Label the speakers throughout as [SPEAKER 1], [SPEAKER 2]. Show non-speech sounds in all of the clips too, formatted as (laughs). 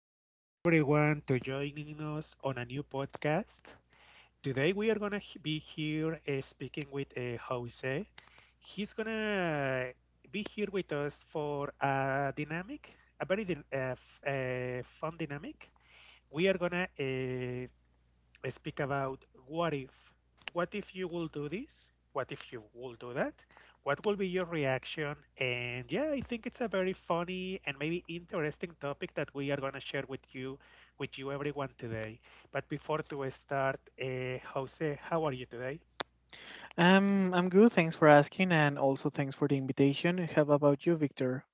[SPEAKER 1] you so much everyone to joining us on a new podcast. Today we are gonna be here speaking with Jose. He's gonna be here with us for a dynamic, a very fun dynamic. We are gonna speak about what if. What if you will do this? What if you will do that? What will be your reaction? And yeah, I think it's a very funny and maybe interesting topic that we are going to share with you everyone today. But before to start, Jose, how are you today?
[SPEAKER 2] I'm good. Thanks for asking, and also thanks for the invitation. How about you, Victor?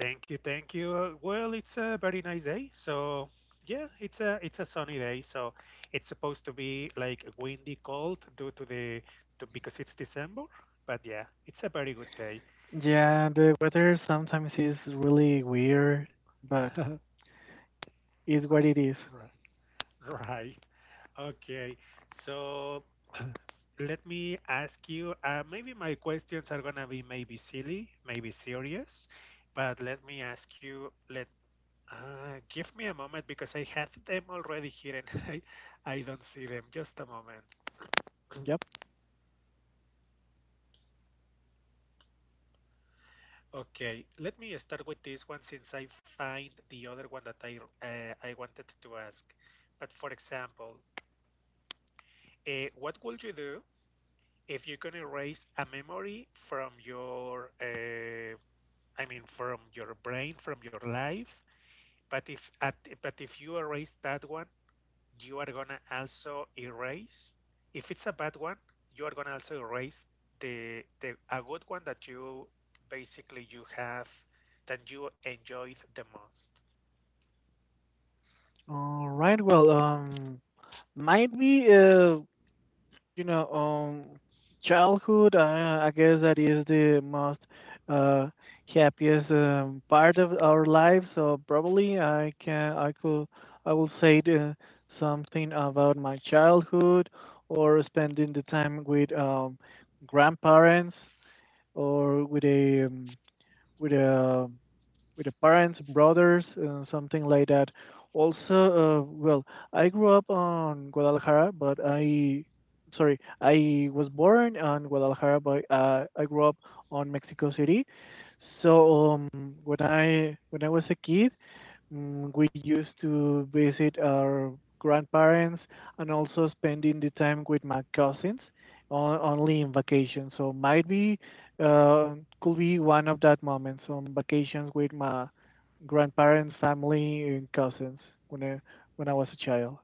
[SPEAKER 1] Thank you, thank you. Well, it's a very nice day. So, yeah, it's a sunny day. So, it's supposed to be like windy, cold due to the to, because it's December. But yeah, it's a very good day.
[SPEAKER 2] Yeah, the weather sometimes is really weird, but
[SPEAKER 1] (laughs)
[SPEAKER 2] is what it is.
[SPEAKER 1] Ri- Right. Okay. So, let me ask you. Maybe my questions are gonna be maybe silly, maybe serious, but let me ask you. Let Give me a moment because I had them already here and (laughs) I don't see them. Just a moment.
[SPEAKER 2] Yep.
[SPEAKER 1] Okay, let me start with this one since I find the other one that I wanted to ask. But for example, what would you do if you can erase a memory from your I mean from your brain, from your life? But if at, but if you erase that one, you are gonna also erase if it's a bad one you are gonna also erase the a good one that you basically you have that you enjoyed the most.
[SPEAKER 2] All right. Well, might be. You know, um, childhood, I guess that is the most uh, happiest part of our life. So probably I could, I will say something about my childhood, or spending the time with grandparents, or with a with the parents, brothers, something like that. Also, well, I grew up on Guadalajara, but I was born on Guadalajara, but I grew up on Mexico City. So when I was a kid, we used to visit our grandparents, and also spending the time with my cousins only in vacation. So might be, uh, could be one of that moments on vacations with my grandparents, family, and cousins when I, when I was a child.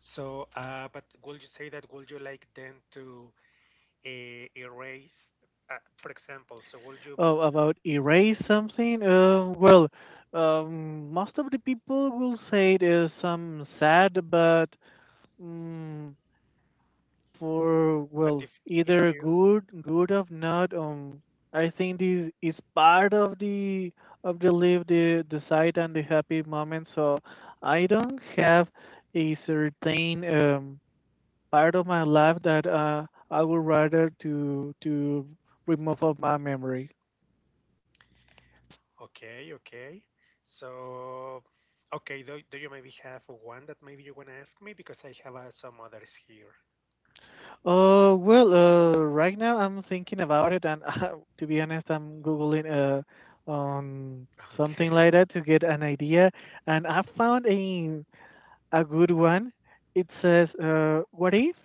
[SPEAKER 1] So but would you say that would you like then to erase for example, so would you,
[SPEAKER 2] Oh, about erase something? Most of the people will say it is some sad, but, mm, for
[SPEAKER 1] but
[SPEAKER 2] well
[SPEAKER 1] if
[SPEAKER 2] either
[SPEAKER 1] you
[SPEAKER 2] good or not. I think this is part of the live the side and the happy moment, so I don't have a certain part of my life that I would rather to remove of my memory.
[SPEAKER 1] okay, okay. So okay, do you maybe have one that maybe you want to ask me, because I have some others here?
[SPEAKER 2] Right now I'm thinking about it, and (laughs) to be honest, I'm googling on
[SPEAKER 1] (laughs)
[SPEAKER 2] something
[SPEAKER 1] Okay.
[SPEAKER 2] like that to get an idea, and I found a good one. It says, "What if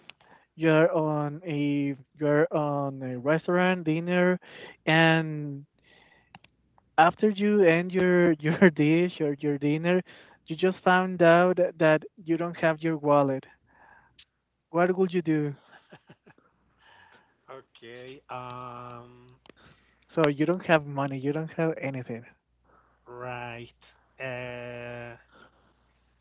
[SPEAKER 2] you're on a restaurant dinner, and after you end your (laughs) your dish or your dinner, you just found out that you don't have your wallet. What would you do?"
[SPEAKER 1] Okay.
[SPEAKER 2] So you don't have money, you don't have anything.
[SPEAKER 1] Right. Uh.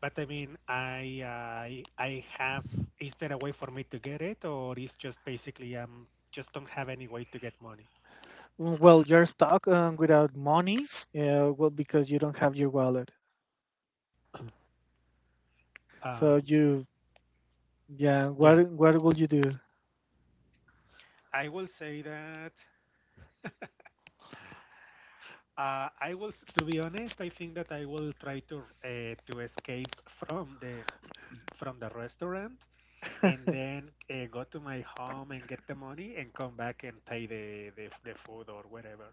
[SPEAKER 1] But I mean, I I have. Is there a way for me to get it, or is just basically just don't have any way to get money?
[SPEAKER 2] Well, you're stuck, without money, because you don't have your wallet. So
[SPEAKER 1] Um.
[SPEAKER 2] you, yeah,
[SPEAKER 1] Yeah.
[SPEAKER 2] what will you do?
[SPEAKER 1] I will say that. I will, to be honest, I think that I will try to escape from the from the restaurant, and then go to my home and get the money and come back and pay the food or whatever.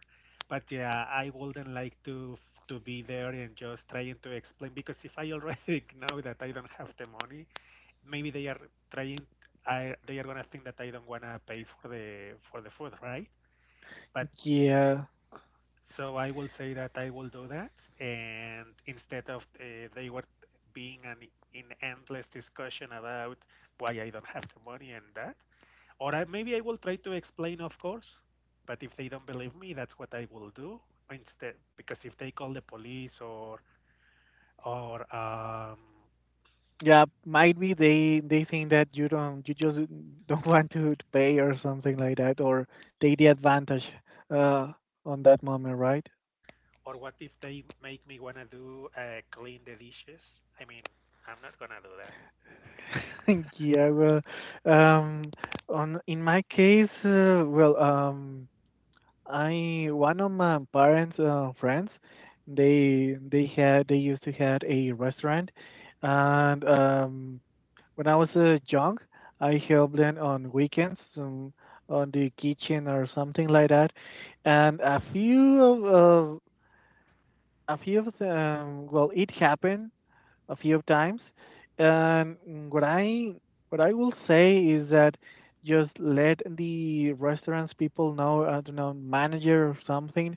[SPEAKER 1] But yeah, I wouldn't like to be there and just trying to explain, because if I already (laughs) know that I don't have the money, maybe they are trying, I they are gonna think that I don't wanna pay for the food, right? But
[SPEAKER 2] Yeah,
[SPEAKER 1] so I will say that I will do that, and instead of they were being an in endless discussion about why I don't have the money and that. Or I, maybe I will try to explain, of course. But if they don't believe me, that's what I will do instead. Because if they call the police or um,
[SPEAKER 2] yeah, might be they think that you just don't (laughs) want to pay or something like that, or take the advantage, uh, on that moment, right?
[SPEAKER 1] or what if they make me wanna do clean the dishes? I mean, I'm not gonna do that.
[SPEAKER 2] (laughs) Yeah, well, um, on in my case, I one of my parents' friends, they used to had a restaurant, and when I was young, I helped them on weekends, on the kitchen or something like that, and a few of them, well, it happened a few times, and what I what I will say is that just let the restaurants people know, I don't know, manager or something,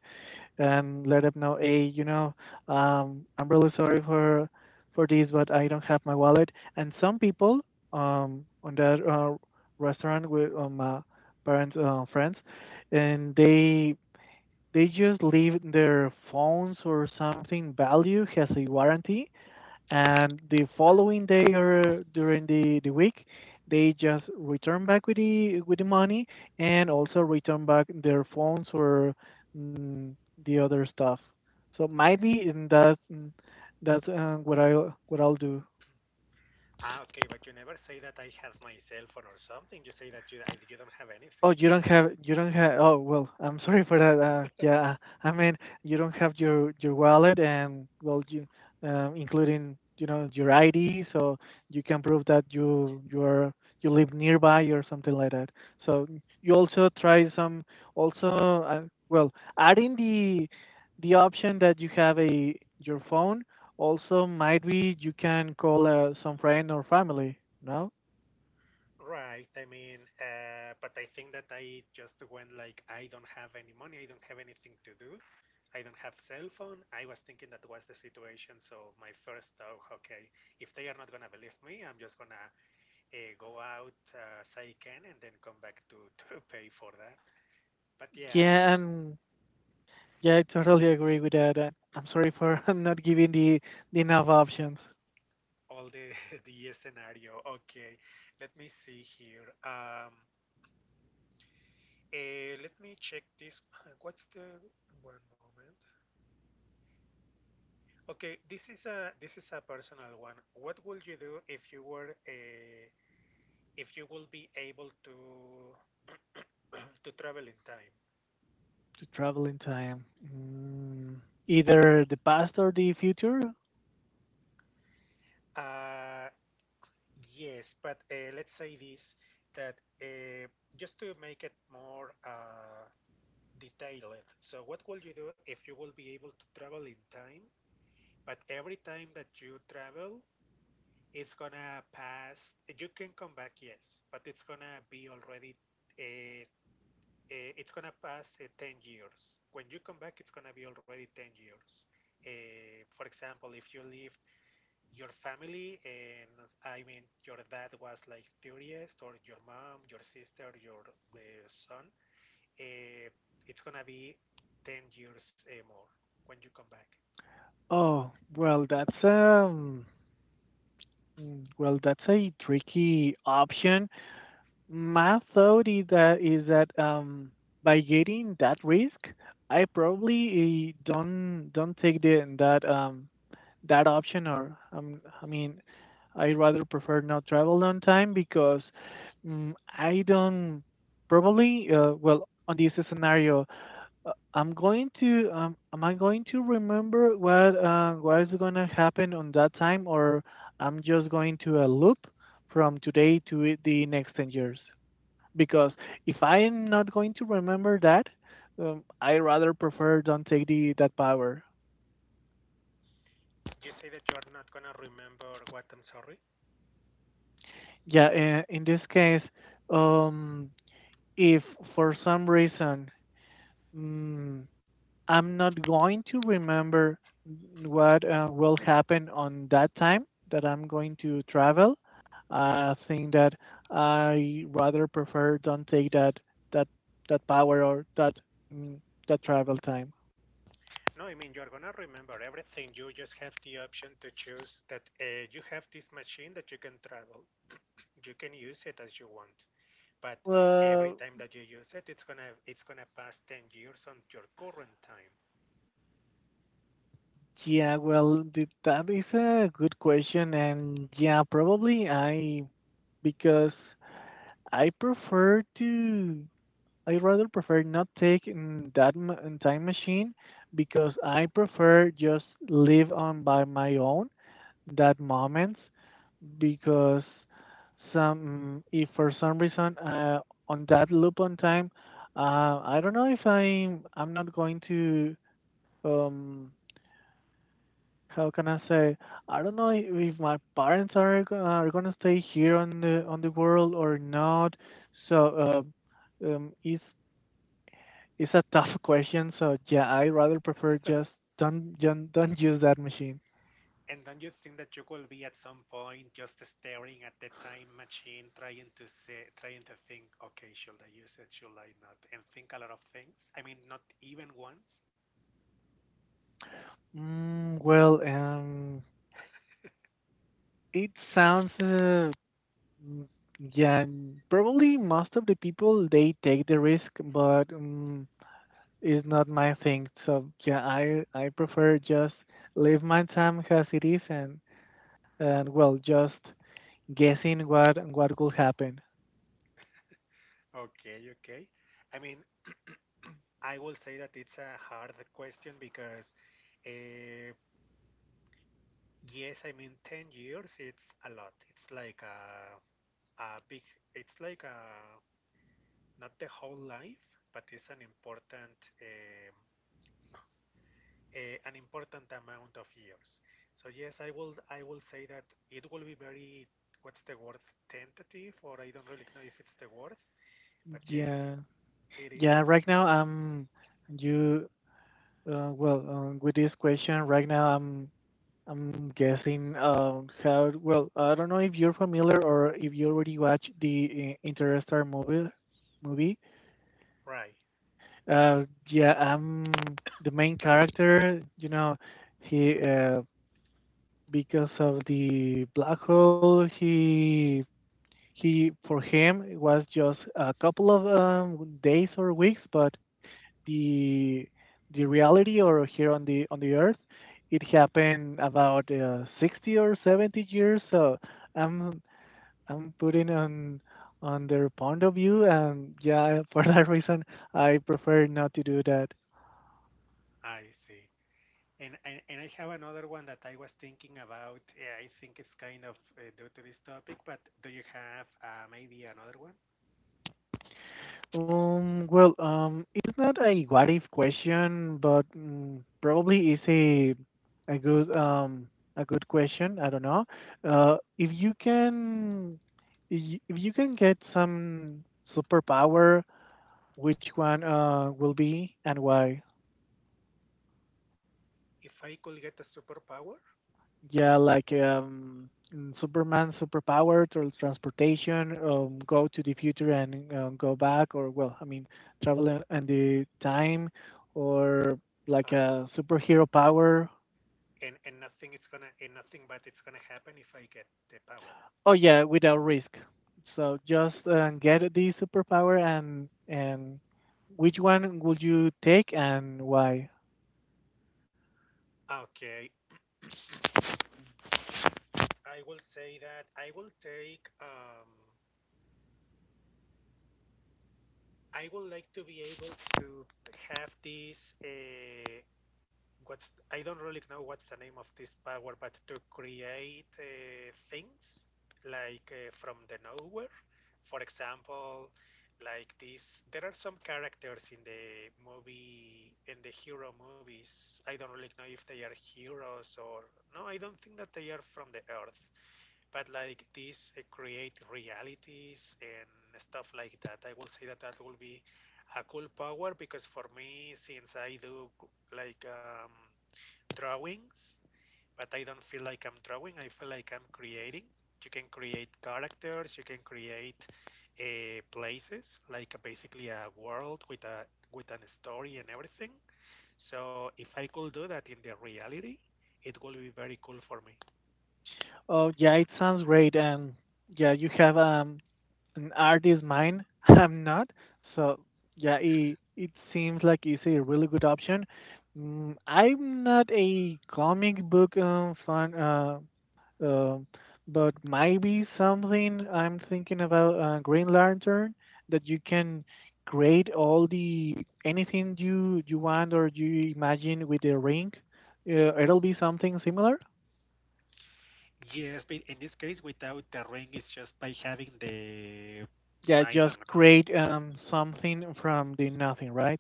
[SPEAKER 2] and let them know, hey, I'm really sorry for this, but I don't have my wallet. And some people, on that restaurant with parents, friends, and they just leave their phones or something value has a warranty, and the following day or during the week, they just return back with the money, and also return back their phones or, mm, the other stuff. So might be in that, that's what I what I'll do.
[SPEAKER 1] Ah, okay, but you never say that I have my cell phone or something. You say that you don't have anything
[SPEAKER 2] Oh,
[SPEAKER 1] to.
[SPEAKER 2] you don't have. Oh, well, I'm sorry for that. Yeah, I mean, you don't have your wallet, and well, you, including your ID, so you can prove that you live nearby or something like that. So you also try some, also, uh, well, adding the option that you have a your phone. Also might be you can call, some friend or family. No?
[SPEAKER 1] Right. I mean, but I think that I just went like, I don't have any money. I don't have anything to do. I don't have cell phone. I was thinking that was the situation. So my first thought, okay, if they are not gonna believe me, I'm just gonna go out as I can and then come back to (laughs) to pay for that. But yeah,
[SPEAKER 2] Yeah, and Yeah, I totally agree with that. And I'm sorry for (laughs) not giving the, enough options
[SPEAKER 1] all the (laughs) the scenario. Okay, let me see here. Let me check this. (laughs) What's the one moment? Okay, this is a personal one. What would you do if you were a, if you will be able to (clears throat) to travel in time?
[SPEAKER 2] to travel in time. Mm, either the past or the future.
[SPEAKER 1] Uh, yes, but let's say this that uh, just to make it more detailed. So, what would you do if you will be able to travel in time? But every time that you travel, it's gonna pass. You can come back, yes, but it's gonna be already uh, it's gonna pass 10 years. When you come back, it's gonna be already 10 years. For example, if you leave your family and I mean your dad was like 30th or your mom, your sister, your uh, son, uh, it's gonna be 10 years more when you come back.
[SPEAKER 2] Oh, well, well, that's a tricky option. My thought is that, by getting that risk, I probably, don't take the that that option, or, I mean, I rather prefer not travel on time because, I don't probably. Well, on this scenario, I'm going to. Am I going to remember what, what is going to happen on that time, or I'm just going to a loop from today to the next 10 years, because if I'm not going to remember that, I rather prefer don't take the that power.
[SPEAKER 1] You say that you're not gonna remember what? I'm sorry?
[SPEAKER 2] Yeah, in this case, um, if for some reason, mm, I'm not going to remember what, will happen on that time that I'm going to travel, I think that I rather prefer don't take that that power, or that, mm, that travel time.
[SPEAKER 1] No, I mean you're gonna remember everything. You just have the option to choose that you have this machine that you can travel, you can use it as you want, but every
[SPEAKER 2] Well,
[SPEAKER 1] time that you use it, it's gonna pass 10 years on your current time.
[SPEAKER 2] yeah, well, that is a good question, and yeah, probably I, because I prefer to. I rather prefer not take, that time machine, because I prefer just live on by my own that moments, because some if for some reason, on that loop on time, I don't know if I'm not going to, um how can I say? I don't know if my parents are gonna stay here on the world or not. So, uh, um, it's it's a (laughs) tough question. So yeah, I rather prefer just don't use that machine.
[SPEAKER 1] And don't you think that you will be at some point just staring at the time machine, trying to say, trying to think, okay, should I use it? Should I not? And think a lot of things. I mean, not even once.
[SPEAKER 2] Mm, well, um, it sounds, mm, yeah, probably most of the people they take the risk, but it's not my thing. So yeah, I prefer just live my time as it is, and well, just guessing what could happen.
[SPEAKER 1] Okay, okay. I mean, I will say that it's a hard question because, uh, yes, I mean, 10 years, it's a lot. It's like a big, it's like a not the whole life but it's an important um, a, an important amount of years. So yes, I will say that it will be very, what's the word, tentative, or I don't really know if it's the word, but yeah,
[SPEAKER 2] Yeah,
[SPEAKER 1] it is.
[SPEAKER 2] yeah. Right now, I'm you. With this question, right now, I'm guessing, how. Well, I don't know if you're familiar or if you already watched the, Interstellar movie. Movie.
[SPEAKER 1] Right.
[SPEAKER 2] Yeah, I'm the main character. You know, he, because of the black hole, he for him it was just a couple of, days or weeks. But the the reality, or here on the earth, it happened about, 60 or 70 years. So i'm I'm putting on their point of view, and yeah, (laughs) for that reason I prefer not to do that.
[SPEAKER 1] I see. And I have another one that I was thinking about. I think it's kind of due to this topic, but do you have maybe another one?
[SPEAKER 2] It's not a what if question, but, probably is a good um a good question. I don't know. If you can if you can get some superpower, which one will be, and why?
[SPEAKER 1] If I could get a superpower,
[SPEAKER 2] Yeah, like, Superman superpower, transportation, go to the future and, go back, or well, I mean, travel and the time, or like
[SPEAKER 1] uh
[SPEAKER 2] a superhero power.
[SPEAKER 1] and nothing it's gonna, and nothing but it's gonna happen if I get the power.
[SPEAKER 2] Oh yeah, without risk. So just, get
[SPEAKER 1] Right.
[SPEAKER 2] the superpower, and which one would you take, and why?
[SPEAKER 1] Okay. I will say that I will take um, I would like to be able to have this what's, I don't really know what's the name of this power, but to create things like from the nowhere. For example, like this, there are some characters in the movie in the hero movies. I don't really know if they are heroes or no. I don't think that they are from the Earth, but like these create realities and stuff like that. I will say that that will be a cool power because for me, since I do like drawings, but I don't feel like I'm drawing. I feel like I'm creating. You can create characters. You can create places, like a, basically a world with a with an story and everything. So if I could do that in the reality, it will be very cool for me.
[SPEAKER 2] Oh yeah, it sounds great, and yeah, you have, and art is mine. (laughs) I'm not. So yeah, it seems like it's a really good option. I'm not a comic book, fan, uh, but maybe something I'm thinking about, Green Lantern, that you can create all the anything you want or you imagine with the ring. It'll be something similar.
[SPEAKER 1] Yes, but in this case, without the ring, it's just by having the.
[SPEAKER 2] Yeah,
[SPEAKER 1] I
[SPEAKER 2] just
[SPEAKER 1] don't know.
[SPEAKER 2] create, something from the nothing, right?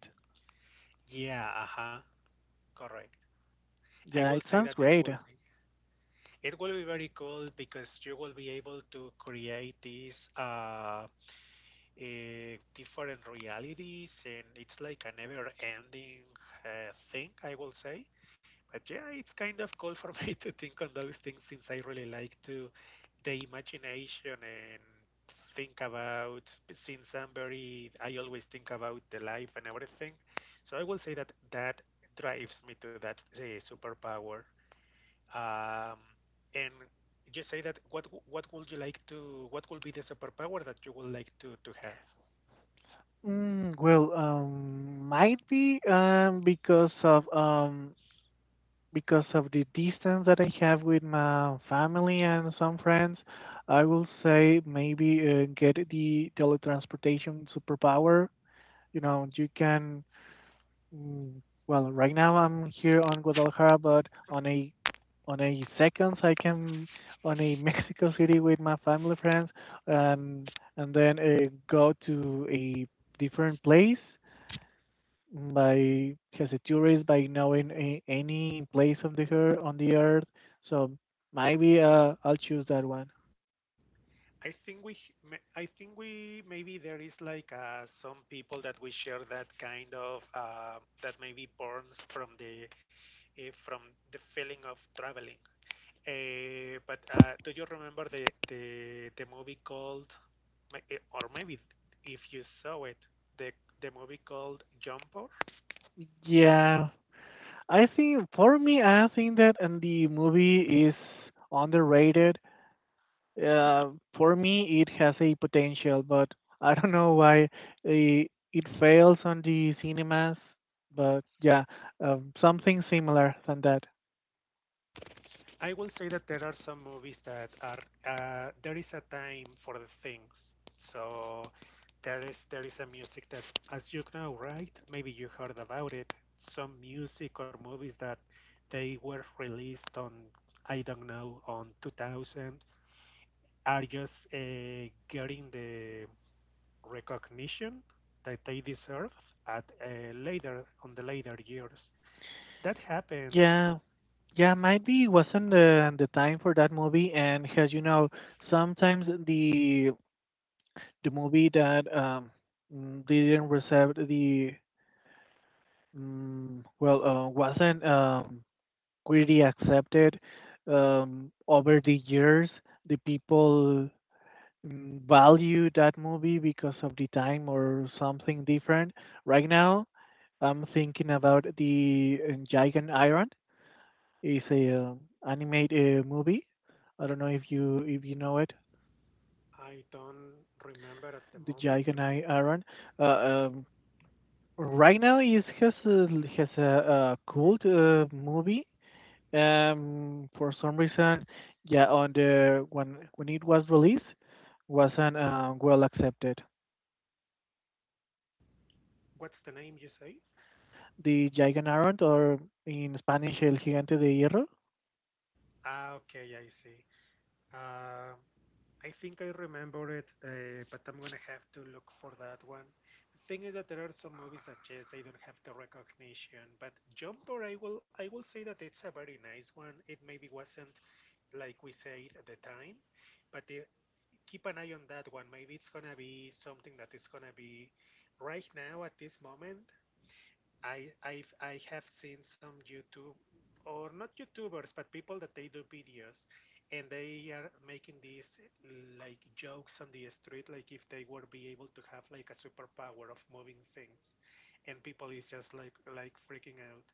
[SPEAKER 1] Yeah, uh huh. Correct. I
[SPEAKER 2] Yeah, it
[SPEAKER 1] will say
[SPEAKER 2] sounds
[SPEAKER 1] that
[SPEAKER 2] great.
[SPEAKER 1] it will be. It will be very cool because you will be able to create these different realities, and it's like a never-ending thing, I will say. But yeah, it's kind of cool for (laughs) me to think on those things since I really like to the imagination and think about. Since I'm very, I always think about the life and everything, so I will say that that drives me to that superpower. Um, and just say that what would you like to what would be the superpower that you would like to have?
[SPEAKER 2] Might be, because of the distance that I have with my family and some friends, I will say maybe, get the teletransportation superpower. You know, you can. Well, right now I'm here on Guadalajara, but on a seconds I can on a (laughs) Mexico City with my family friends, and and then, go to a different place by as a tourist by knowing any place on the on the earth. So maybe, I'll choose that one.
[SPEAKER 1] I think we I think we maybe there is like some people that we share that kind of that maybe burns from the feeling of traveling. But do you remember the movie called or maybe if you saw it the the movie called Jumper?
[SPEAKER 2] Yeah, I think for me, I think that and the movie is underrated. Uh, for me, it has a potential, but I don't know why it fails on the cinemas. But yeah, something similar than that.
[SPEAKER 1] I will say that there are some movies that are there is a time for the things. So there is a music that, as you know, right? Maybe you heard about it. Some music or movies that they were released on, I don't know, on 2000, are just getting the recognition that they deserve at later on the later years. That happens.
[SPEAKER 2] Yeah, Yeah, maybe it wasn't the time for that movie, and as you know, sometimes the movie that, didn't receive the, well, wasn't, really accepted, over the years, the people, value that movie because of the time or something different. Right now, I'm thinking about the, Giant Iron. Is a, animate, movie. I don't know if you know it,
[SPEAKER 1] I don't remember at the
[SPEAKER 2] the
[SPEAKER 1] moment.
[SPEAKER 2] Giganai Aaron. Uh, um, right now, it has a cult, movie. For some reason, yeah, on the when it was released, wasn't, well accepted.
[SPEAKER 1] What's the name you say?
[SPEAKER 2] The Giganai Aaron, or in Spanish El Gigante de Hierro.
[SPEAKER 1] Ah, okay, I see. Uh, I think I remember it, but I'm gonna have to look for that one. The thing is that there are some movies that yes, I don't have the recognition, but Jumper, I will say that it's a very nice one. It maybe wasn't like we said at the time, but keep an eye on that one. Maybe it's gonna be something that is gonna be right now at this moment. I have seen some YouTube, or not YouTubers, but people that they do videos, and they are making these like jokes on the street, like if they would be able to have like a superpower of moving things, and people is just like freaking out.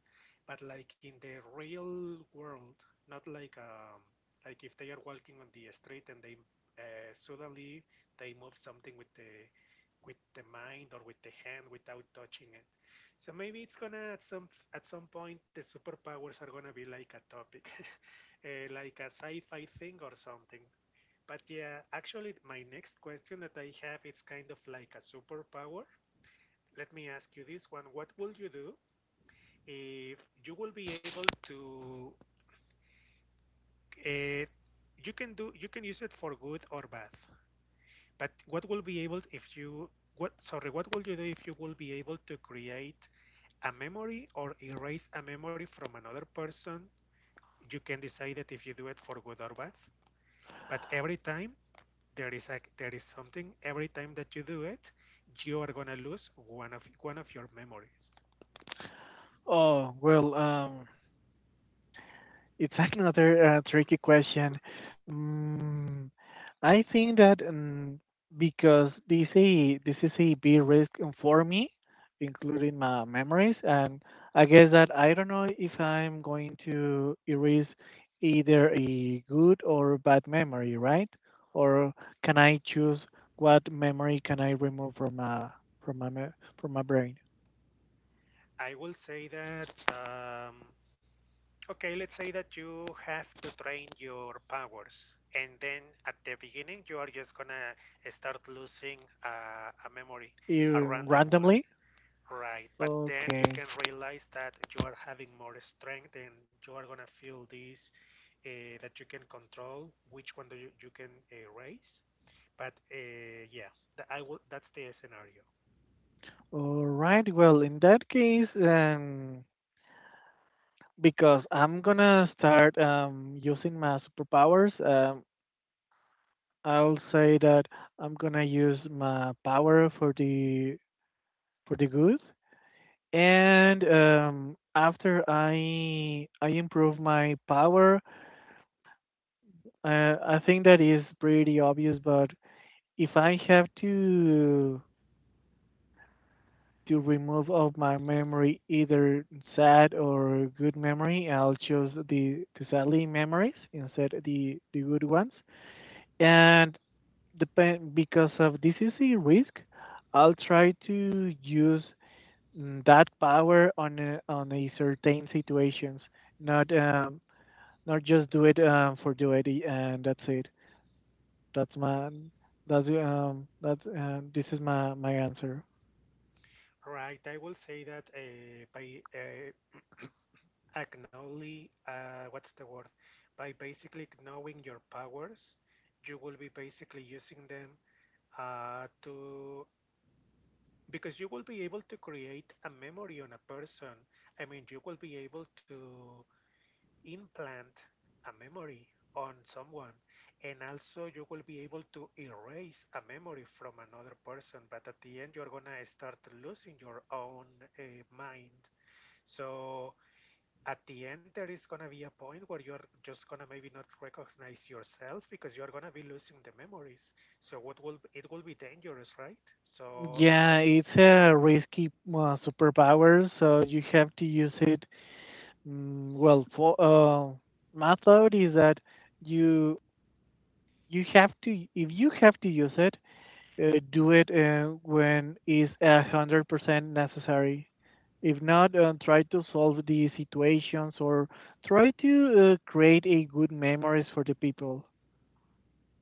[SPEAKER 1] But like in the real world, not like like if they are walking on the street and they suddenly they move something with the mind or with the hand without touching it. So maybe it's gonna at some point the superpowers are gonna be like a topic, (laughs) like a sci-fi thing or something. But yeah, actually, my next question that I have it's kind of like a superpower. Let me ask you this one: what will you do if you will be able to? Uh, you can do you can use it for good or bad. But what will be able if you what sorry what will you do if you will be able to create a memory or erase a memory from another person? You can decide that if you do it for good or bad. But every time there is something. Every time that you do it, you are gonna lose one of your memories.
[SPEAKER 2] Oh well, it's (laughs) another, tricky question. Mm, I think that because this is a big risk for me, including my memories. And I guess that I don't know if I'm going to erase either a good or bad memory, right? Or can I choose what memory can I remove from my from my me- from my brain.
[SPEAKER 1] I will say that. Um, okay, let's say that you have to train your powers, and then at the beginning you are just gonna start losing a memory, a random one.
[SPEAKER 2] Randomly?
[SPEAKER 1] Right, but then you
[SPEAKER 2] Okay.
[SPEAKER 1] can realize that you are having more strength and you are gonna feel this that you can control which one do you can raise. But yeah, that's the scenario.
[SPEAKER 2] All right. Well, in that case, because I'm gonna start using my superpowers, I'll say that I'm gonna use my power for the good. And after I improve my power, I think that is pretty obvious. But if I have to remove of my memory either sad or good memory. I'll choose the sadly memories instead of the good ones. And depend because of this is a risk, I'll try to use that power on a certain situations, not not just do it for do it and that's it. That's my that's This is my answer.
[SPEAKER 1] Right, I will say that by acknowledging, what's the word? By basically knowing your powers, you will be basically using them to, because you will be able to create a memory on a person. I mean, you will be able to implant a memory on someone, and also you will be able to erase a memory from another person. But at the end, you're gonna start losing your own uh, mind. So at the end, there is gonna be a point where you're just gonna maybe not recognize yourself because you're gonna be losing the memories. So what will it will be dangerous, right? So
[SPEAKER 2] Yeah,
[SPEAKER 1] how?
[SPEAKER 2] it's a risky superpower, so you have to use it. Well, for my thought is that you you have to if you have to use it, do it when it's 100% necessary. If not, try to solve the situations or try to create a good memories for the people.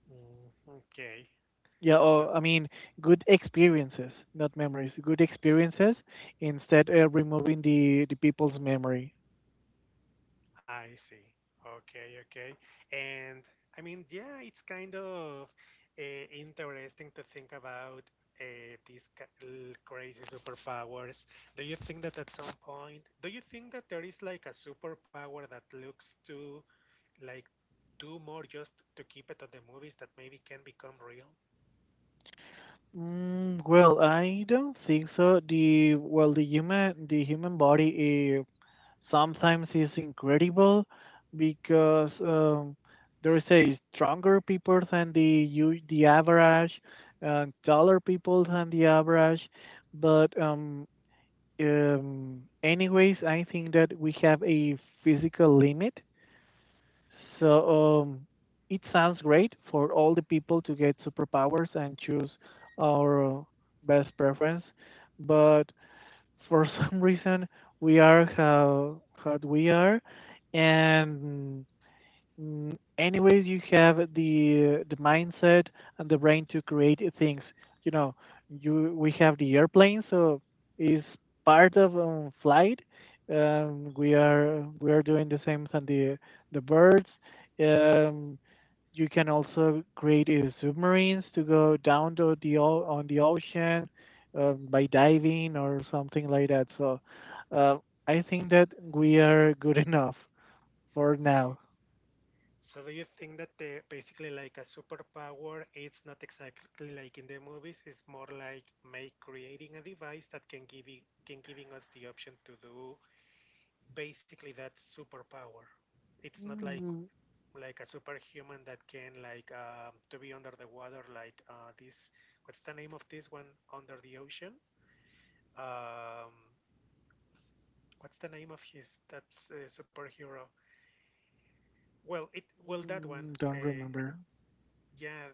[SPEAKER 1] Mm, okay.
[SPEAKER 2] Yeah,
[SPEAKER 1] So
[SPEAKER 2] or I mean, good experiences, not memories. Good experiences instead of removing the people's memory.
[SPEAKER 1] I see. Okay, okay. And I mean, yeah, it's kind of interesting to think about crazy superpowers. Do you think that at some point, do you think that there is like a superpower that looks to like do more just to keep it on the movies that maybe can become real?
[SPEAKER 2] Mm, well, I don't think so. The human body sometimes is incredible because there is a stronger people than the average, taller people than the average, but anyways, I think that we have a physical limit. So it sounds great for all the people to get superpowers and choose our best preference. But for (laughs) some reason, we are how we are. And anyways, you have the mindset and the brain to create things. You know, you we have the airplane, so it's part of flight. We are doing the same on the birds. Um, you can also create submarines to go down to on the ocean by diving or something like that. So, uh, I think that we are good (laughs) enough for now.
[SPEAKER 1] So do you think that the basically like a superpower, it's not exactly like in the movies, it's more like make creating a device that can give it, can giving us the option to do basically that superpower. It's not like a superhuman that can like to be under the water like this. What's the name of this one under the ocean? Um, what's the name of his that superhero? Well, it well that one.
[SPEAKER 2] Mm, don't
[SPEAKER 1] Uh,
[SPEAKER 2] remember.
[SPEAKER 1] Yeah.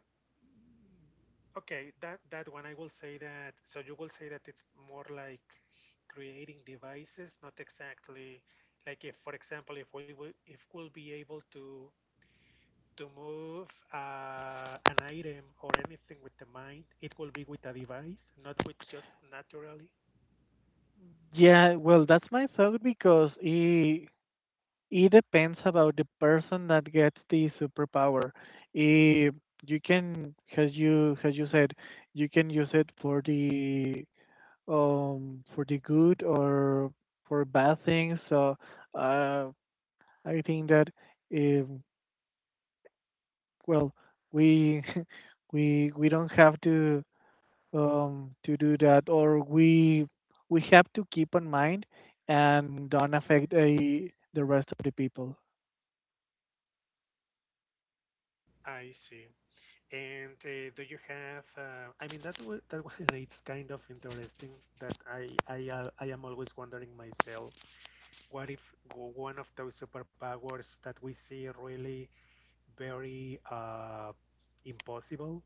[SPEAKER 1] Okay, that one I will say that. So you will say that it's more like creating devices, not exactly like if, for example, if we'll be able to move an item or anything with the mind, it will be with a device, not with just naturally.
[SPEAKER 2] Yeah, well, that's my thought because it depends about the person that gets the superpower. If you can, as you said, you can use it for the good or for bad things. So, uh, I think that if well, we (laughs) we don't have to do that, or we have to keep in mind and don't affect the rest of the people.
[SPEAKER 1] I see. And do you have? I mean, that (laughs) one it's kind of interesting that I am always wondering myself. What if one of those superpowers that we see really very impossible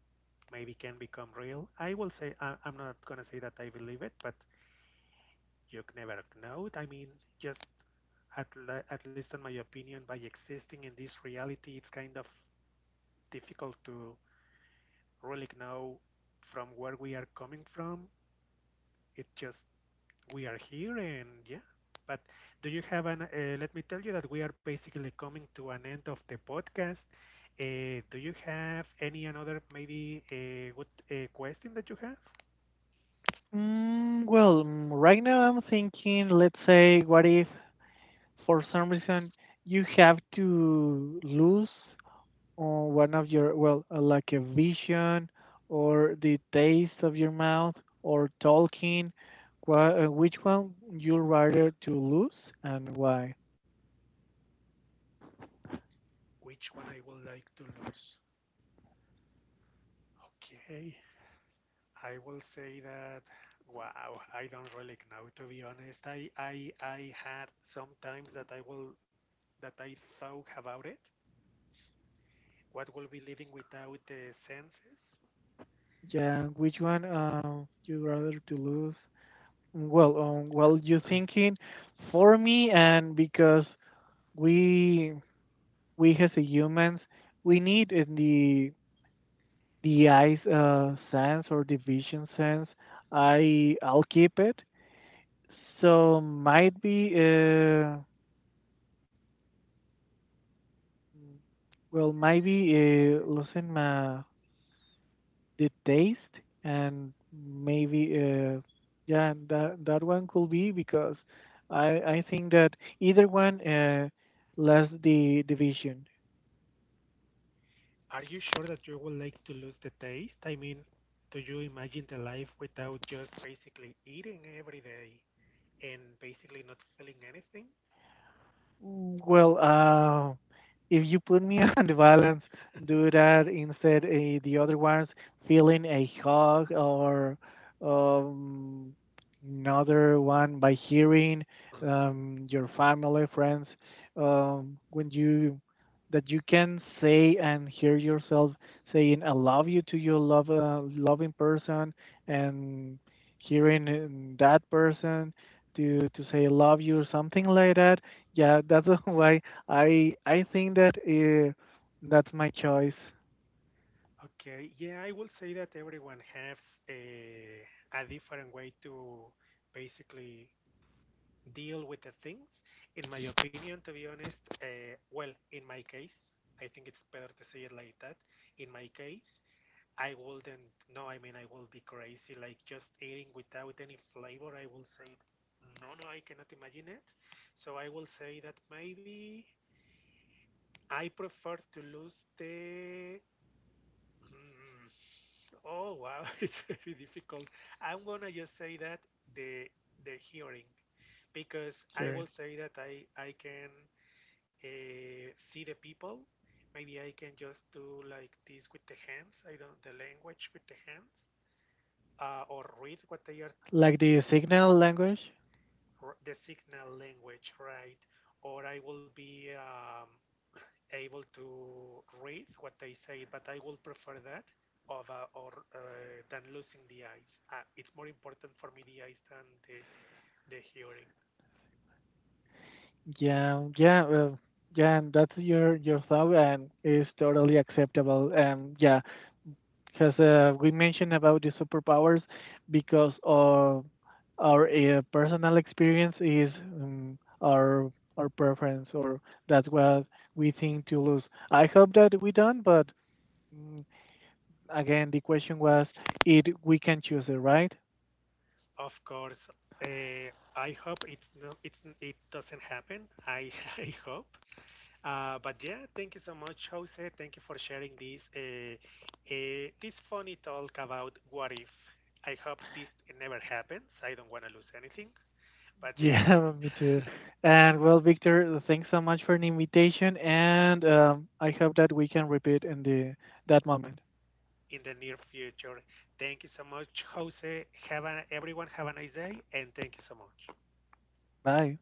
[SPEAKER 1] maybe can become real? I will say, I'm not gonna say that I believe it, but you never know it. I mean, just at least in my opinion, by existing in this reality, it's kind of difficult to really know from where we are coming from. It just we are here and yeah, but do you have an let me tell you that we are basically coming to an end of the podcast. Do you have any another maybe a good question that you have?
[SPEAKER 2] Well, right now I'm thinking, let's say, what if for some reason you have to lose on one of your, well, like a vision or the taste of your mouth or talking, which one you rather to lose and why?
[SPEAKER 1] Which one I would like to lose? Okay, I will say that wow, I don't really know, to be honest. I had sometimes that I will that I thought about it. What will be living without the senses?
[SPEAKER 2] Yeah, which one you rather to lose? Well, well, you
[SPEAKER 1] (coughs)
[SPEAKER 2] thinking for me, and because we we as a humans, we need in the eyes sense or the vision sense. I'll keep it. So might be well, maybe losing my the taste and maybe yeah and that one could be because i I think that either one less the division.
[SPEAKER 1] Are you sure that you would like to lose the taste? I mean, do you imagine the life without just basically eating every day and basically not feeling anything? (clears throat)
[SPEAKER 2] Well, if you put me (laughs) on the balance, do that instead. The other ones feeling a hug or um, another one by hearing your family, friends, when you that you can say and hear yourself saying "I love you" to your love loving person and hearing that person to say "I love you" or something like that, yeah, that's (laughs) why I think that that's my choice.
[SPEAKER 1] Okay, yeah, I will say that everyone has a, a different way to basically deal with the things. In my opinion, to be honest, well, in my case, I think it's better to say it like that. In my case, I wouldn't. No, I mean I will be crazy. Like just eating without any flavor, I will say no, no, I cannot imagine it. So I will say that maybe I prefer to lose the. Mm, oh wow, (laughs) it's very difficult. I'm gonna just say that the the hearing, because I
[SPEAKER 2] Sure.
[SPEAKER 1] will say that I can see the people. Maybe I can just do like this with the hands. I don't the language with the hands or read what they are
[SPEAKER 2] Like the signal language.
[SPEAKER 1] the signal language, right? Or I will be able to read what they say, but I will prefer that of or than losing the eyes. It's more important for me the eyes than the hearing.
[SPEAKER 2] Yeah, yeah, well, yeah. And that's your thought, and is totally acceptable. And yeah, because we mentioned about the superpowers because of our personal experience is um, our our preference, or that's what we think to lose. I hope that we don't, but. mm, Again, the question was if we can choose it, right?
[SPEAKER 1] Of course, uh, I hope it's no, it's it doesn't happen. I (laughs) I hope. But yeah, thank you so much, Jose. Thank you for sharing this this funny talk about what if. I hope this never happens. I don't want to lose anything. But yeah,
[SPEAKER 2] Yeah, (laughs) me too. And well, Victor, thanks so much for the invitation, and I hope that we can repeat in the that moment.
[SPEAKER 1] in the near future. Thank you so much, Jose. Have a, everyone have a nice day, and thank you so much.
[SPEAKER 2] Bye.